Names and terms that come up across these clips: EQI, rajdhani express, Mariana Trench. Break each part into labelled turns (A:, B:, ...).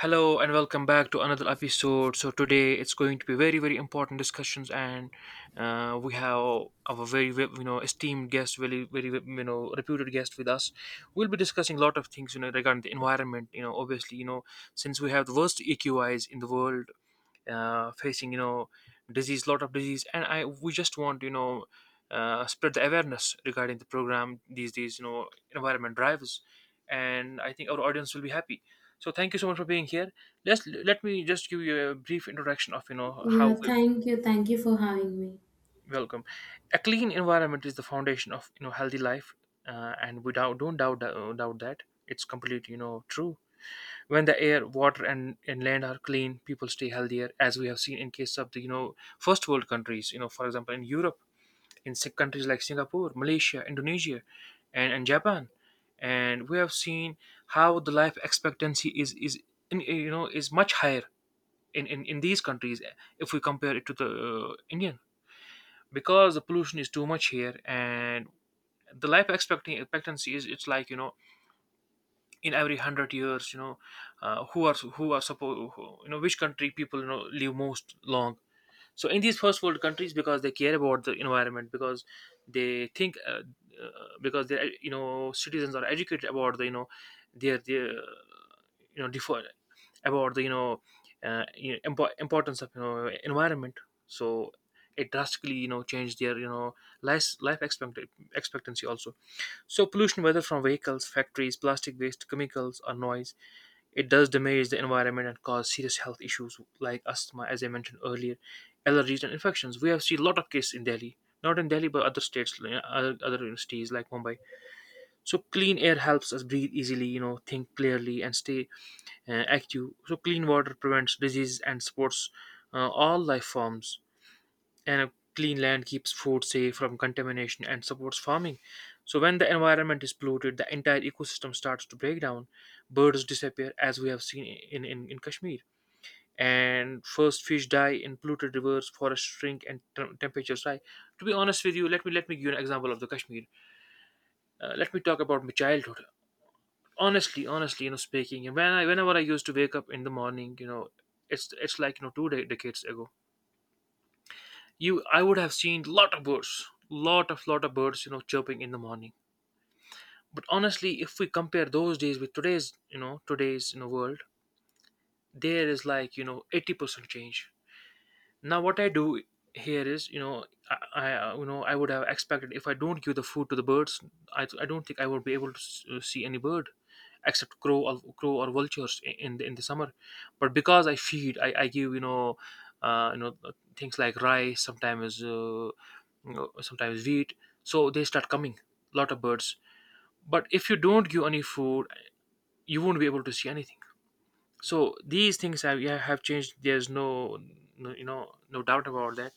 A: Hello and welcome back to another episode. So today it's going to be very very important discussions, and we have our very esteemed guest, very very reputed guest with us. We'll be discussing a lot of things regarding the environment. Obviously, since we have the worst EQIs in the world, facing disease lot of disease, and I we just want, spread the awareness regarding the program, these environment drives. And I think our audience will be happy, so thank you so much for being here. Just let me just give you a brief introduction of how
B: Yeah,
A: we.
B: thank you. Thank you for having me.
A: Welcome. A clean environment is the foundation of healthy life. And we don't doubt that it's completely true. When the air, water, and land are clean, people stay healthier, as we have seen in case of the first world countries, for example, in Europe, in countries like Singapore, Malaysia, Indonesia, and Japan. And we have seen how the life expectancy is, in, you know is much higher in, in these countries, if we compare it to the Indian. Because the pollution is too much here, and the life expecting expectancy is it's like, in every 100 years, who are supposed, which country people live most long. So in these first world countries, because they care about the environment, because they think, uh, because they citizens are educated about the their you know differ about the, importance of environment. So it drastically changed their life expectancy also. So pollution, whether from vehicles, factories, plastic waste, chemicals, or noise, it does damage the environment and cause serious health issues like asthma, as I mentioned earlier, allergies and infections. We have seen a lot of cases in Delhi, not in Delhi but other states, other cities like Mumbai. So clean air helps us breathe easily, think clearly and stay active. So clean water prevents disease and supports all life forms, and a clean land keeps food safe from contamination and supports farming. So when the environment is polluted, the entire ecosystem starts to break down. Birds disappear, as we have seen in Kashmir. And first, fish die in polluted rivers, forests shrink, and temperatures rise. To be honest with you, let me give you an example of the Kashmir. Let me talk about my childhood. Honestly, speaking, whenever I used to wake up in the morning, it's like, two decades ago, you I would have seen lot of birds chirping in the morning. But honestly, if we compare those days with today's world, there is like, 80% change. Now what I do here is, I, I you know I would have expected, if I don't give the food to the birds, I don't think I would be able to see any bird except crow or vultures in the summer. But because I give, things like rice, sometimes, sometimes wheat, so they start coming, lot of birds. But if you don't give any food, you won't be able to see anything. So these things have, yeah, have changed. There's no doubt about that.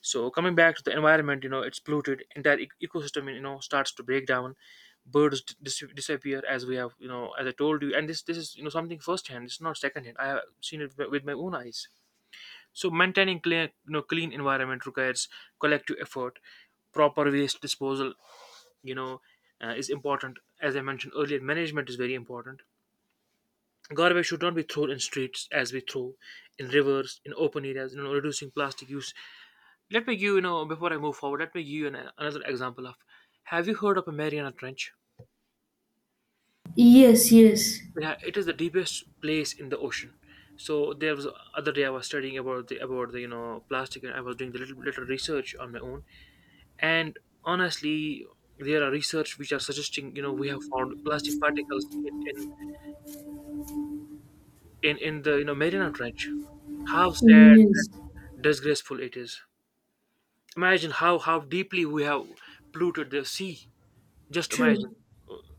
A: So coming back to the environment, it's polluted. Entire ecosystem, starts to break down. Birds disappear, as I told you. And this is, something firsthand. It's not secondhand. I have seen it with my own eyes. So maintaining clean environment requires collective effort. Proper waste disposal, you know, is important. As I mentioned earlier, management is very important. Garbage should not be thrown in streets, as we throw in rivers, in open areas. Reducing plastic use, let me give, before I move forward. Let me give you another example of. Have you heard of a Mariana Trench?
B: Yes, yes,
A: Yeah, it is the deepest place in the ocean. So there was other day I was studying about the plastic, and I was doing the little research on my own. And honestly, there are research which are suggesting, we have found plastic particles in the Mariana Trench. How sad
B: yes.
A: and disgraceful it is. Imagine how deeply we have polluted the sea. Just
B: True,
A: imagine.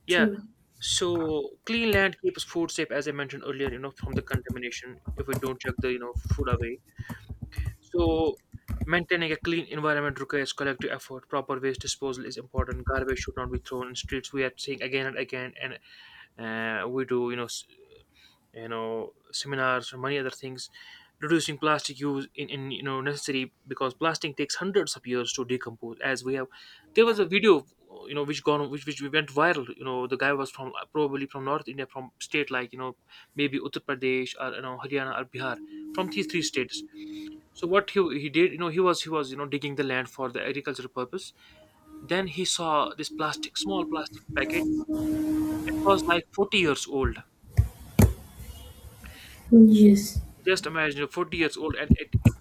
A: Yeah.
B: true.
A: So clean land keeps food safe, as I mentioned earlier, from the contamination, if we don't check the food away. So maintaining a clean environment requires collective effort. Proper waste disposal is important. Garbage should not be thrown in streets. We are seeing again and again, and we do, seminars or many other things. Reducing plastic use in necessary, because plastic takes hundreds of years to decompose, as we have. There was a video which gone which went viral, the guy was from, probably from North India, from state like, maybe Uttar Pradesh, or Haryana, or Bihar, from these three states. So what he did, he was, digging the land for the agricultural purpose. Then he saw this plastic, small plastic packet. It was like 40 years old.
B: Yes,
A: Just imagine, 40 years old. And it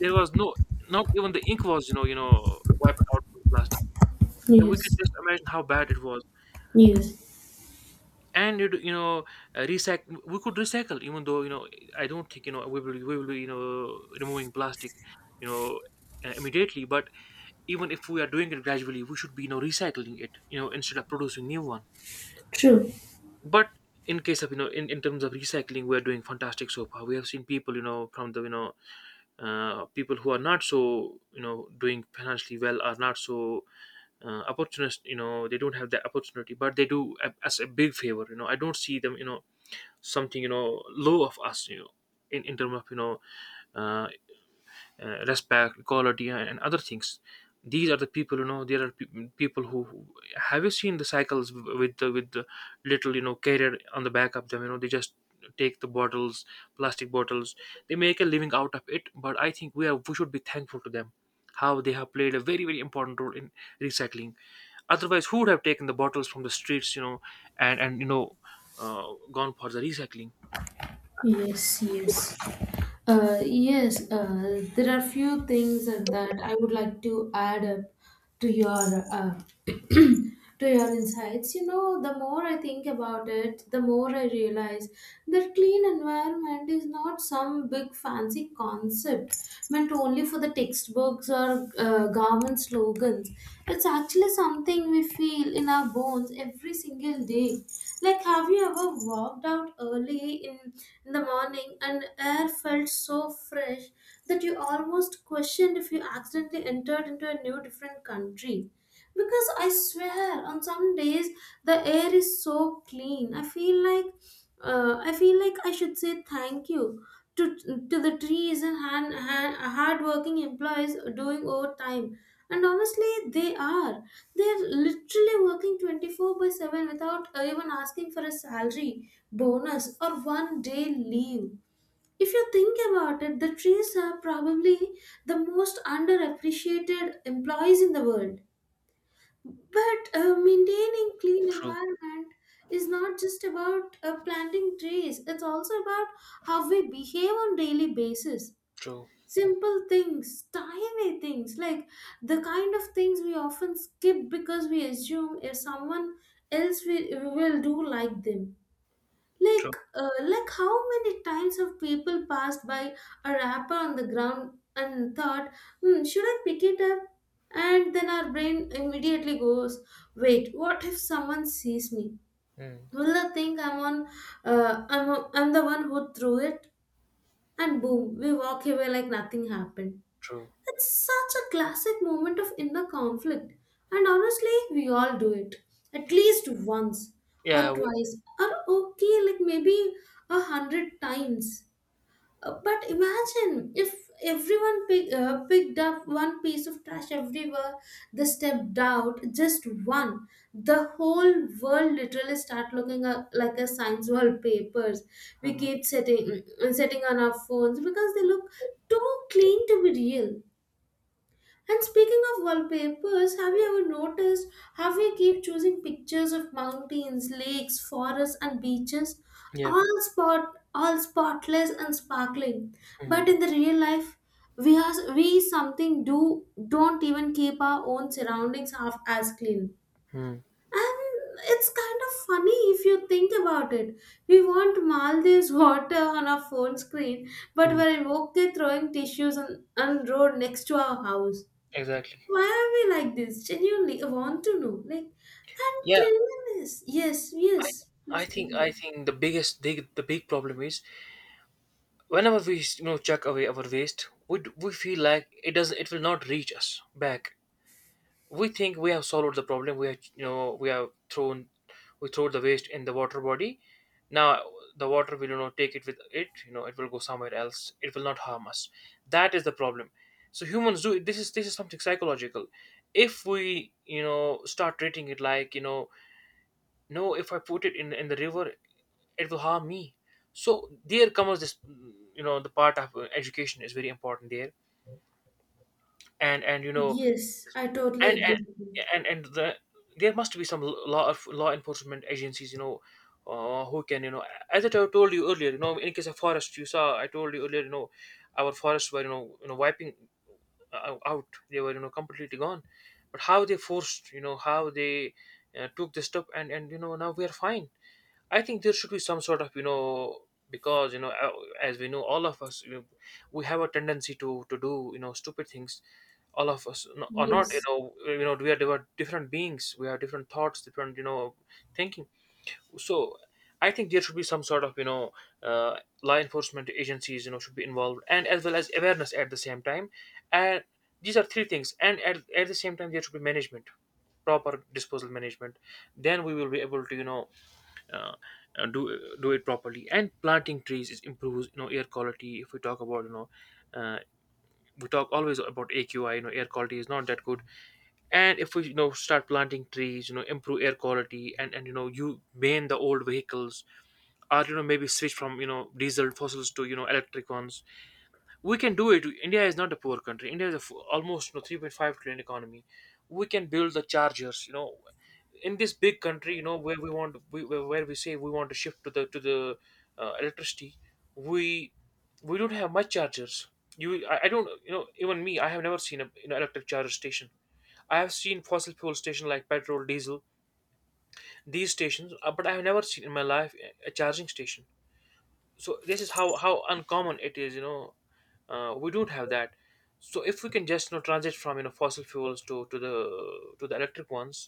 A: there was no, not even the ink was, wiped out from the plastic. Yeah, we could
B: yes,
A: just imagine how bad it was.
B: yes.
A: And recycle. We could recycle, even though, I don't think, be, removing plastic, you know, immediately. But even if we are doing it gradually, we should be, recycling it, instead of producing new one.
B: True.
A: But in case of you know, in terms of recycling, we are doing fantastic so far. We have seen people, from the people who are not so doing financially well, are not so opportunist, they don't have the opportunity, but they do us a big favor. I don't see them, something, low of us, in terms of, uh, respect, equality, and other things. These are the people, you know. There are people who, have you seen the cycles, with the little, carrier on the back of them. They just take the bottles, plastic bottles. They make a living out of it. But I think we should be thankful to them, how they have played a very very important role in recycling. Otherwise, who would have taken the bottles from the streets, and uh, gone for the recycling?
B: Yes,
A: True,
B: yes. Yes, there are few things that I would like to add up to your to your insights. You know, the more I think about it, the more I realize that clean environment is not some big fancy concept meant only for the textbooks or government slogans. It's actually something we feel in our bones every single day. Like, have you ever walked out early in the morning and air felt so fresh that you almost questioned if you accidentally entered into a new different country? Because I swear on some days the air is so clean I feel like I should say thank you to to the trees and hand, hand hard working employees doing overtime. And honestly they are they're literally working 24/7 without even asking for a salary bonus or 1 day leave. If you think about it, the trees are probably the most underappreciated employees in the world. But maintaining clean
A: true,
B: environment is not just about planting trees. It's also about how we behave on daily basis.
A: true,
B: Simple things, tiny things, like the kind of things we often skip because we assume if someone else will do like them.
A: true,
B: Like how many times have people passed by a wrapper on the ground and thought, hmm, should I pick it up? And then our brain immediately goes, wait, what if someone sees me?
A: mm,
B: Will they think I'm the one who threw it? And boom, we walk away like nothing happened.
A: true.
B: It's such a classic moment of inner conflict, and honestly, we all do it at least once or
A: Yeah.
B: twice, or okay, like maybe 100 times. But imagine if everyone picked up one piece of trash everywhere they stepped out, just one. The whole world literally start looking at, like a science wallpapers. We
A: we-
B: keep setting on our phones because they look too clean to be real. And speaking of wallpapers, have you ever noticed how we keep choosing pictures of mountains, lakes, forests, and beaches,
A: Yeah.
B: all spotless and sparkling.
A: Hmm.
B: But in the real life, we are we something do don't even keep our own surroundings half as clean.
A: Hmm.
B: And it's kind of funny if you think about it. We want Maldives water on our phone screen, but
A: Mm.
B: we're in okay throwing tissues on road next to our house.
A: Exactly.
B: Why are we like this? Genuinely, I want to know. Like, and
A: Yeah,
B: cleanliness. Yes, yes.
A: I
B: Please
A: think
B: continue.
A: the big problem is, whenever we chuck away our waste, we feel like it will not reach us back. We think we have solved the problem. We have you know we have thrown we throw the waste in the water body. Now, the water will, take it with it. It will go somewhere else. It will not harm us. That is the problem. So humans do this. Is this is something psychological. If we start treating it like no, if I put it in the river, it will harm me. So there comes this the part of education is very important there. and and you know
B: Yes, I totally
A: and and
B: agree with you.
A: the there must be some law enforcement agencies, who can, as I told you earlier, in case of forest, you saw I told you earlier, our forests were wiping out. They were completely gone, but how they forced, how they took this step, and now we are fine. I think there should be some sort of, because as we know, all of us, we have a tendency to do, stupid things. All of us, or not,
B: Yes,
A: we are different beings, we have different thoughts, different, thinking. So I think there should be some sort of, uh, law enforcement agencies, should be involved, and as well as awareness at the same time. And these are three things, and at the same time there should be management, proper disposal management. Then we will be able to, do it properly. And planting trees is improves, air quality. If we talk about, uh, we talk always about AQI, air quality is not that good. And if we, start planting trees, improve air quality. And and you know you ban the old vehicles, or, maybe switch from, diesel fossils to, electric ones. We can do it. India is not a poor country. India is a almost, 3.5 trillion economy. We can build the chargers, in this big country, where we want where we say we want to shift to the electricity. we we don't have much chargers. You I don't, even me, I have never seen a, electric charger station. I have seen fossil fuel station, like petrol, diesel, these stations, but I have never seen in my life a charging station. So this is how uncommon it is, we don't have that. So if we can just, transit from, fossil fuels to the electric ones.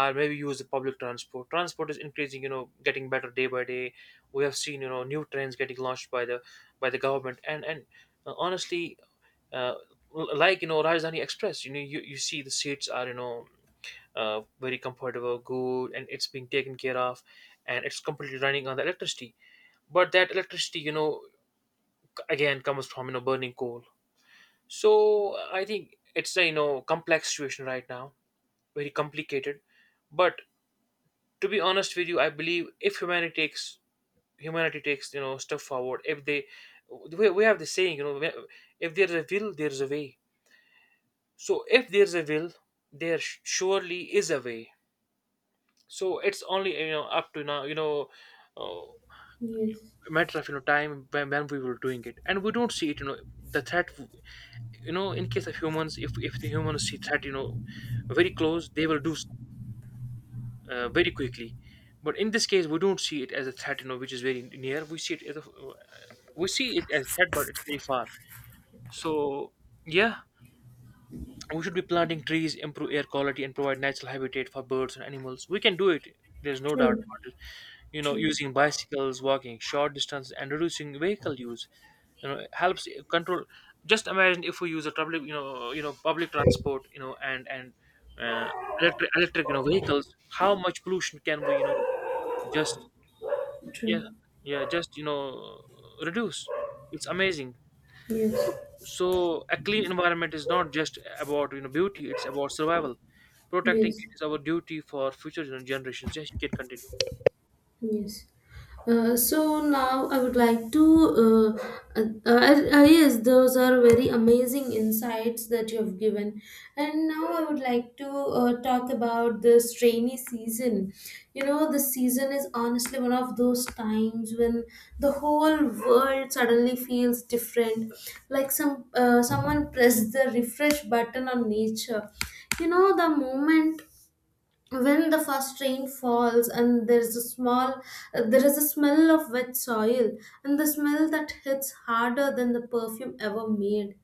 A: Or maybe use the public transport is increasing, getting better day by day. We have seen, new trains getting launched by the government. And Honestly, uh, like, Rajdhani Express, you see the seats are, very comfortable, good, and it's being taken care of. And it's completely running on the electricity. But that electricity, again comes from, burning coal. So I think it's a, complex situation right now. Very complicated. But to be honest with you, I believe if humanity takes, step forward. If they, we have the saying, if there's a will there's a way. So if there's a will, there surely is a way. So it's only, up to now, uh,
B: yes.
A: matter of, time when we were doing it and we don't see it, the threat. You know, in case of humans, if the humans see threat, very close, they will do very quickly. But in this case we don't see it as a threat, which is very near. We see it as a, we see it as a threat, but it's very far. So yeah, we should be planting trees, improve air quality, and provide natural habitat for birds and animals. We can do it, there's no doubt
B: True,
A: about it. You know,
B: true,
A: using bicycles, walking short distances, and reducing vehicle use, it helps control. Just imagine if we use a public, public transport, you know and uh, electric, vehicles, how much pollution can we, just, yeah,
B: true.
A: yeah, just, reduce. It's amazing.
B: Yes,
A: So so a clean environment is not just about, beauty, it's about survival. Protecting
B: yes.
A: it is our duty for future generations. Yes, you can continue.
B: Yes. So now I would like to. Yes, those are very amazing insights that you have given. And now I would like to talk about this rainy season. You know, the season is honestly one of those times when the whole world suddenly feels different. Like someone pressed the refresh button on nature. You know, the moment when the first rain falls and there's a small there is a smell of wet soil, and the smell that hits harder than the perfume ever made.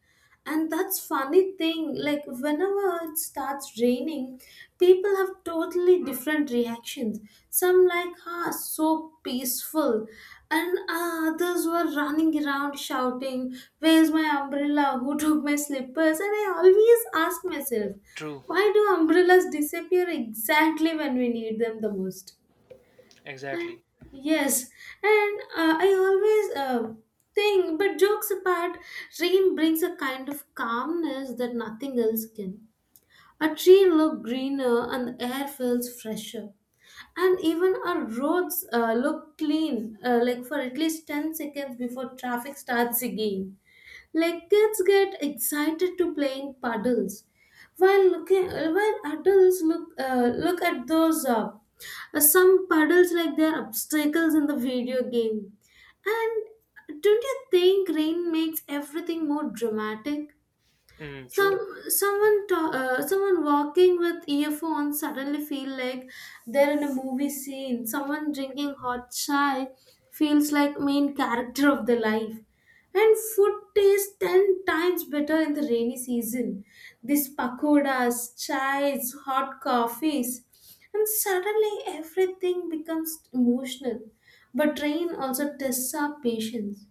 B: And that's funny thing, like whenever it starts raining, people have totally different reactions. Some like, ah, so peaceful. And ah, others were running around shouting, where's my umbrella? Who took my slippers? And I always ask myself,
A: True.
B: why do umbrellas disappear exactly when we need them the most?
A: Exactly.
B: Yes, and I always think, but jokes apart, rain brings a kind of calmness that nothing else can. A tree look greener and the air feels fresher. And even our roads look clean, like for at least 10 seconds before traffic starts again. Like kids get excited to playing puddles, while looking while adults look at those some puddles like they're obstacles in the video game. And don't you think rain makes everything more dramatic?
A: Mm,
B: some
A: true.
B: Someone walking with earphones suddenly feel like they're in a movie scene. Someone drinking hot chai feels like main character of the life. And food tastes 10 times better in the rainy season. These pakodas, chais, hot coffees, and suddenly everything becomes emotional. But rain also tests our patience.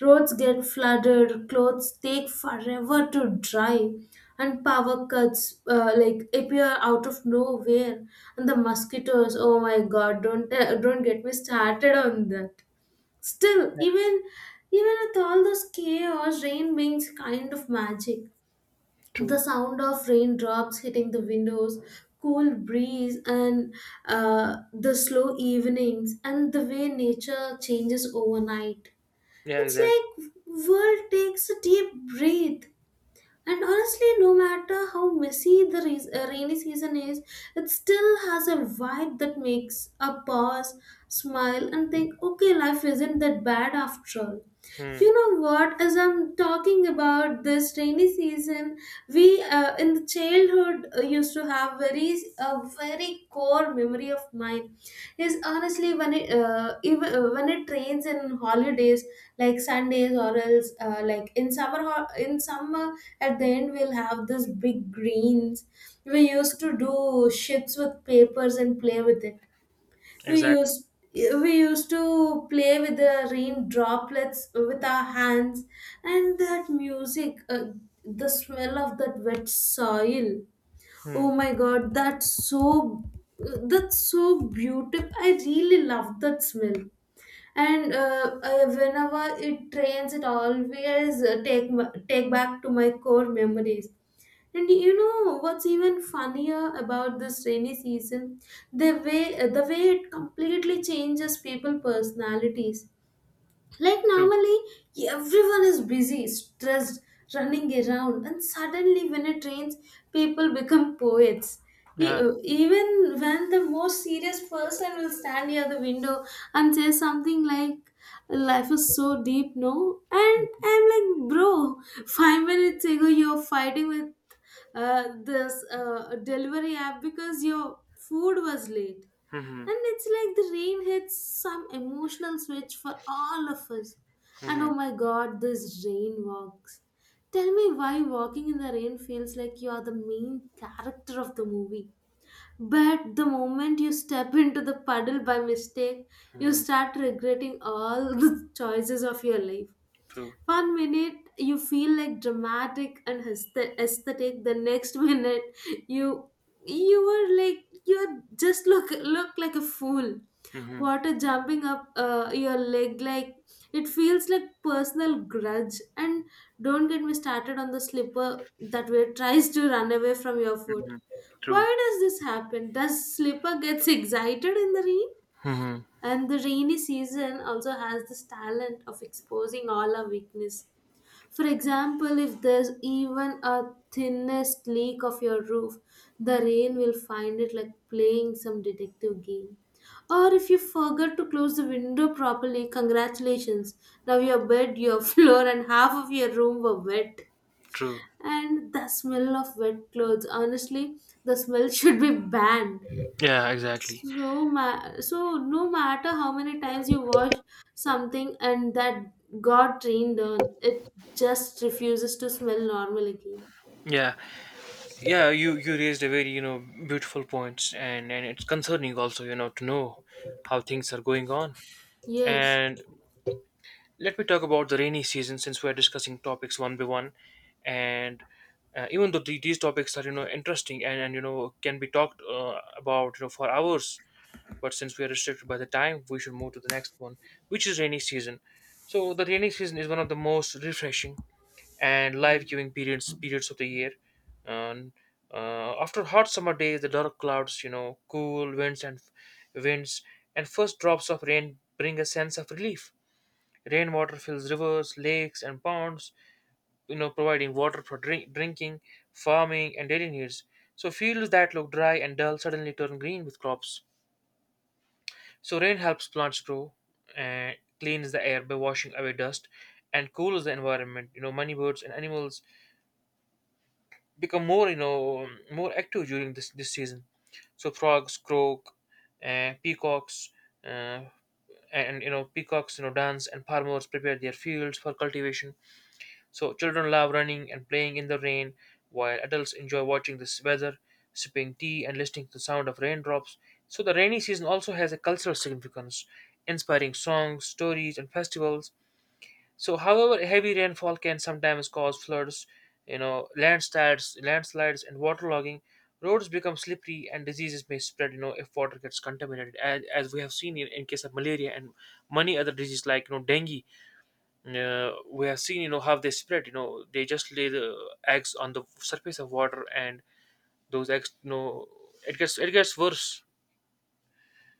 B: Roads get flooded, clothes take forever to dry, and power cuts like appear out of nowhere. And the mosquitoes, oh my god, don't get me started on that. Still,
A: Yeah.
B: even even with all this chaos, rain brings kind of magic. The
A: True.
B: sound of raindrops hitting the windows, cool breeze, and the slow evenings, and the way nature changes overnight.
A: Yeah,
B: It's
A: exactly.
B: like world takes a deep breath. And honestly, no matter how messy the rainy season is, it still has a vibe that makes a pause, smile, and think, okay, life isn't that bad after all.
A: Hmm,
B: You know what, as I'm talking about this rainy season, we in the childhood used to have very a very core memory of mine is honestly when it even when it rains in holidays like Sundays or else, like in summer in summer. At the end we'll have this big greens. We used to do shits with papers and play with it. We
A: exactly.
B: used we used to play with the rain droplets with our hands. And that music the smell of that wet soil,
A: Hmm,
B: oh my god, that's so beautiful. I really love that smell. And whenever it rains it always take take back to my core memories. And you know what's even funnier about this rainy season? The way it completely changes people personalities. Like
A: true.
B: normally everyone is busy, stressed, running around, and suddenly when it rains, people become poets.
A: Yeah.
B: Even when the most serious person will stand near the window and say something like, "Life is so deep, no?" And I'm like, "Bro, 5 minutes ago you're fighting with this delivery app because your food was late."
A: Mhm,
B: And it's like the rain hits some emotional switch for all of us. And oh
A: mhm,
B: my god, this rain walks. Tell me why walking in the rain feels like you are the main character of the movie. But the moment you step into the puddle by mistake, you
A: mhm.
B: start regretting all the choices of your life.
A: True.
B: One minute you feel like dramatic and aesthetic, the next minute you you were like you just look like a fool.
A: Mhm.
B: Water jumping up your leg, like it feels like personal grudge. And don't get me started on the slipper that way tries to run away from your foot. Why
A: True.
B: does this happen? Does slipper gets excited in the rain?
A: Mhm.
B: And the rainy season also has this talent of exposing all our weakness. For example, if there's even a thinnest leak of your roof, the rain will find it like playing some detective game. Or if you forgot to close the window properly, congratulations. Now your bed, your floor, and half of your room were wet.
A: True.
B: And the smell of wet clothes, honestly, the smell should be banned.
A: Yeah, exactly.
B: So, so no matter how many times you watch something and that got trained on, it just refuses to smell normal again.
A: Yeah, yeah. You raised a very, beautiful points, and it's concerning also, to know how things are going on.
B: Yes.
A: And let me talk about the rainy season since we're discussing topics one by one. And even though these topics are, interesting, and, can be talked about, for hours, but since we are restricted by the time, we should move to the next one, which is rainy season. So the rainy season is one of the most refreshing and life-giving periods of the year. And after hot summer days, the dark clouds, you know, cool winds, and winds first drops of rain bring a sense of relief. Rainwater fills rivers, lakes, and ponds, you know, providing water for drinking, farming, and daily needs. So fields that look dry and dull suddenly turn green with crops. So rain helps plants grow, and cleans the air by washing away dust, and cools the environment. You know, many birds and animals become more, you know, more active during this season. So frogs croak, uh, peacocks, uh, and, you know, peacocks, you know, dance, and farmers prepare their fields for cultivation. So children love running and playing in the rain, while adults enjoy watching the weather, sipping tea, and listening to the sound of raindrops. So the rainy season also has a cultural significance, inspiring songs, stories, and festivals. So, however, heavy rainfall can sometimes cause floods, you know, landslides, and waterlogging. Roads become slippery, and diseases may spread, you know, if water gets contaminated, as, we have seen in case of malaria and many other diseases like, you know, dengue. We have seen, you know, how they spread. You know, they just lay the eggs on the surface of water, and those eggs, you know, it gets worse.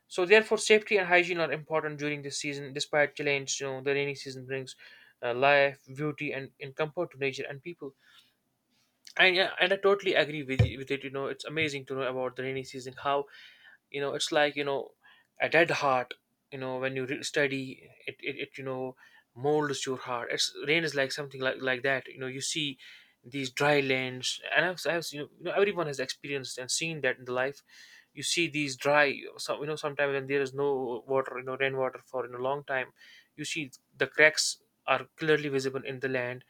A: So therefore safety and hygiene are important during this season. Despite challenge, you know, the rainy season brings life, beauty, and comfort to nature and people. And yeah, and I totally agree with it. You know, it's amazing to know about the rainy season. How, you know, it's like, you know, a dead heart, you know, when you study it, it you know, molds your heart. It's rain is like something like that, you know. You see these dry lands, and I've seen, you know, everyone has experienced and seen that in the life. You see these dry some, you know, sometimes when there is no water, you know, rainwater for in a long time, you see the cracks are clearly visible in the land,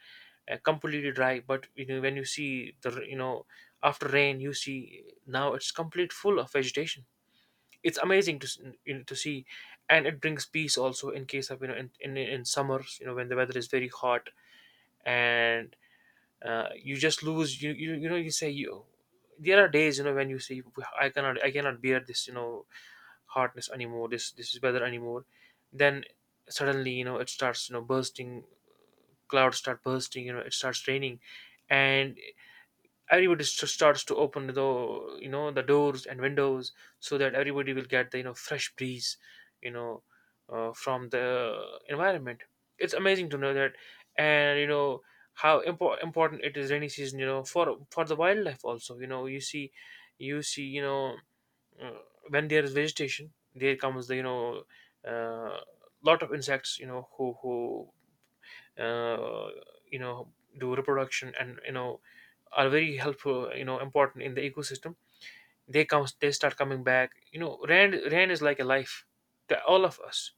A: completely dry. But, you know, when you see the you know, after rain, you see now it's complete full of vegetation. It's amazing to you know, to see. And it brings peace also, in case of, you know, in, in summers, you know, when the weather is very hot, and you just lose, you know, you say you, there are days, you know, when you say, "Well, I cannot bear this, you know, hotness anymore, this is weather anymore." Then suddenly, you know, it starts, you know, bursting. Clouds start bursting, you know, it starts raining, and everybody starts to open the, you know, the doors and windows, so that everybody will get the, you know, fresh breeze, you know, from the environment. It's amazing to know that. And, you know, how important it is, rainy season, you know, for the wildlife also, you know. You see you know, uh, when there is vegetation, there comes the, you know, uh, lot of insects, you know, who uh, you know, do reproduction, and, you know, are very helpful, you know, important in the ecosystem. They come, they start coming back, you know. Rain is like a life to all of us.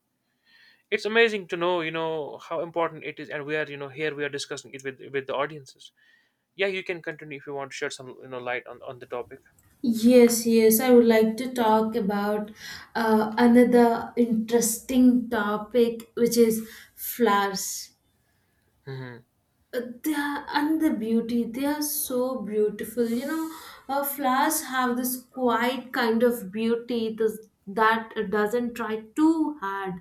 A: It's amazing to know, you know, how important it is, and we are, you know, here we are discussing it with the audiences. Yeah, you can continue if you want to shed some, you know, light on the topic.
B: Yes, yes, I would like to talk about another interesting topic, which is flowers.
A: Hmm,
B: They are, and the beauty they are so beautiful, you know. Flowers have this quiet kind of beauty, this that doesn't try too hard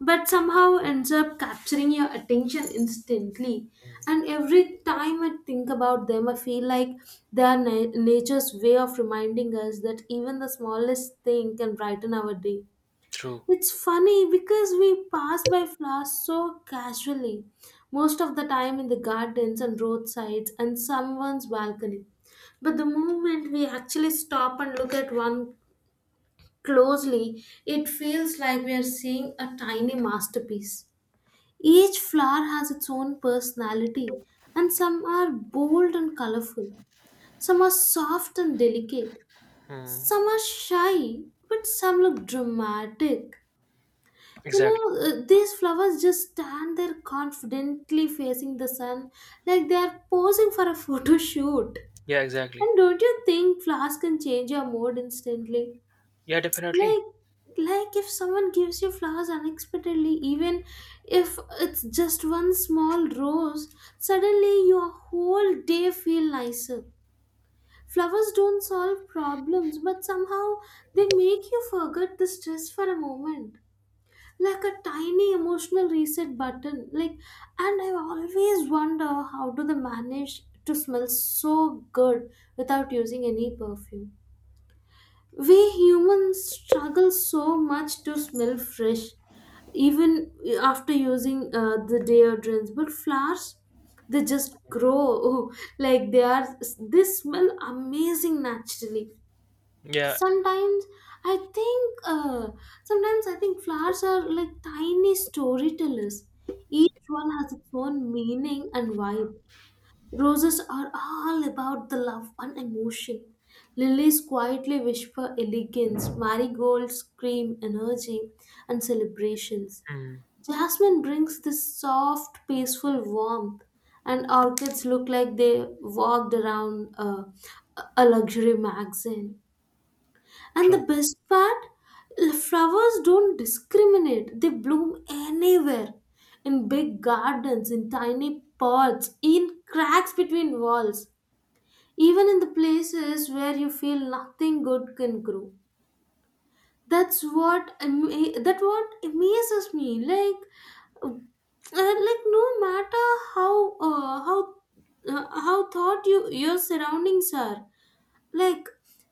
B: but somehow ends up capturing your attention instantly. And every time I think about them I feel like they are nature's way of reminding us that even the smallest thing can brighten our day.
A: true.
B: It's funny because we pass by flowers so casually, most of the time in the gardens and roadsides and someone's balcony. But the moment we actually stop and look at one closely, it feels like we are seeing a tiny masterpiece. Each flower has its own personality, and some are bold and colorful, some are soft and delicate,
A: Hmm,
B: some are shy, but some look dramatic. You
A: exactly.
B: know, these flowers just stand there confidently facing the sun like they are posing for a photo shoot.
A: Yeah, exactly.
B: And don't you think flowers can change your mood instantly?
A: Yeah, definitely.
B: Like, like if someone gives you flowers unexpectedly, even if it's just one small rose, suddenly your whole day feel nicer. Flowers don't solve problems, but somehow they make you forget the stress for a moment, like a tiny emotional reset button. Like, and I always wonder how do they manage to smell so good without using any perfume. We humans struggle so much to smell fresh even after using the deodorants, but flowers, they just grow like they are they smell amazing naturally.
A: Yeah.
B: Sometimes I think flowers are like tiny storytellers. Each one has its own meaning and vibe. Roses are all about the love and emotion. Lilies quietly whisper elegance. Marigolds scream energy and celebrations.
A: Hmm,
B: Jasmine brings this soft peaceful warmth, and orchids look like they walked around a luxury magazine. And the
A: true.
B: best part, flowers don't discriminate. They bloom anywhere. In big gardens, in tiny pots, in cracks between walls, even in the places where you feel nothing good can grow. That's what ama- that what amazes me. Like no matter how uh, how how thought you your surroundings are, like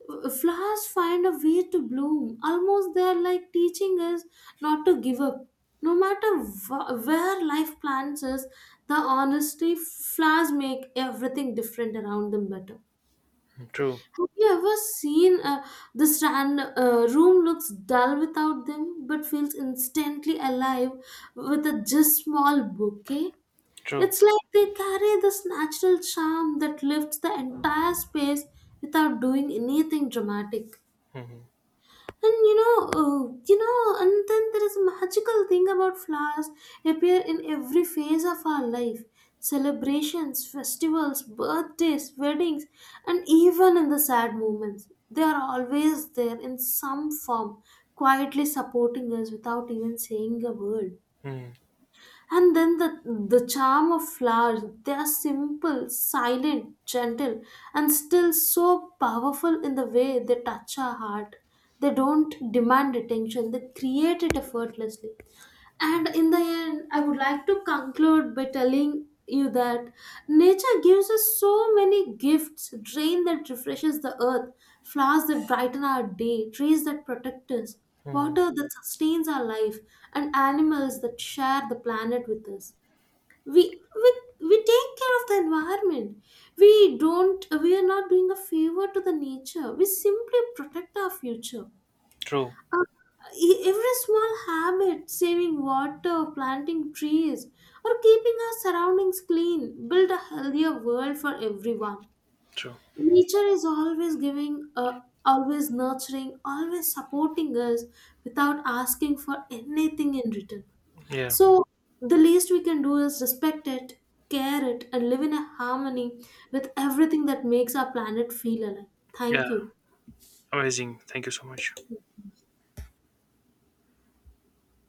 B: flowers find a way to bloom, almost they are like teaching us not to give up no matter wh- where life plants us. The honesty flowers make everything different around them better.
A: Hmm, true.
B: Have you ever seen the strand room looks dull without them but feels instantly alive with a just small bouquet.
A: True.
B: It's like they carry this natural charm that lifts the entire space without doing anything dramatic.
A: Hmm.
B: And you know, and then there is a magical thing about flowers appear in every phase of our life. Celebrations, festivals, birthdays, weddings, and even in the sad moments. They are always there in some form, quietly supporting us without even saying a word.
A: Hmm.
B: And then the charm of flowers, they are simple, silent, gentle, and still so powerful in the way they touch our heart. They don't demand attention, they create it effortlessly. And in the end, I would like to conclude by telling you that nature gives us so many gifts: rain that refreshes the earth, flowers that brighten our day, trees that protect us,
A: Hmm,
B: water that sustains our life, and animals that share the planet with us. We take care of the environment. We don't, we are not doing a favor to the nature. We simply protect our future.
A: true.
B: Uh, Every small habit, saving water, planting trees, or keeping our surroundings clean, build a healthier world for everyone.
A: True.
B: Nature is always giving, always nurturing, always supporting us without asking for anything in return.
A: Yeah.
B: So, the least we can do is respect it, care it, and live in a harmony with everything that makes our planet feel alive.
A: Yeah.
B: Thank you.
A: Amazing. Thank you so much.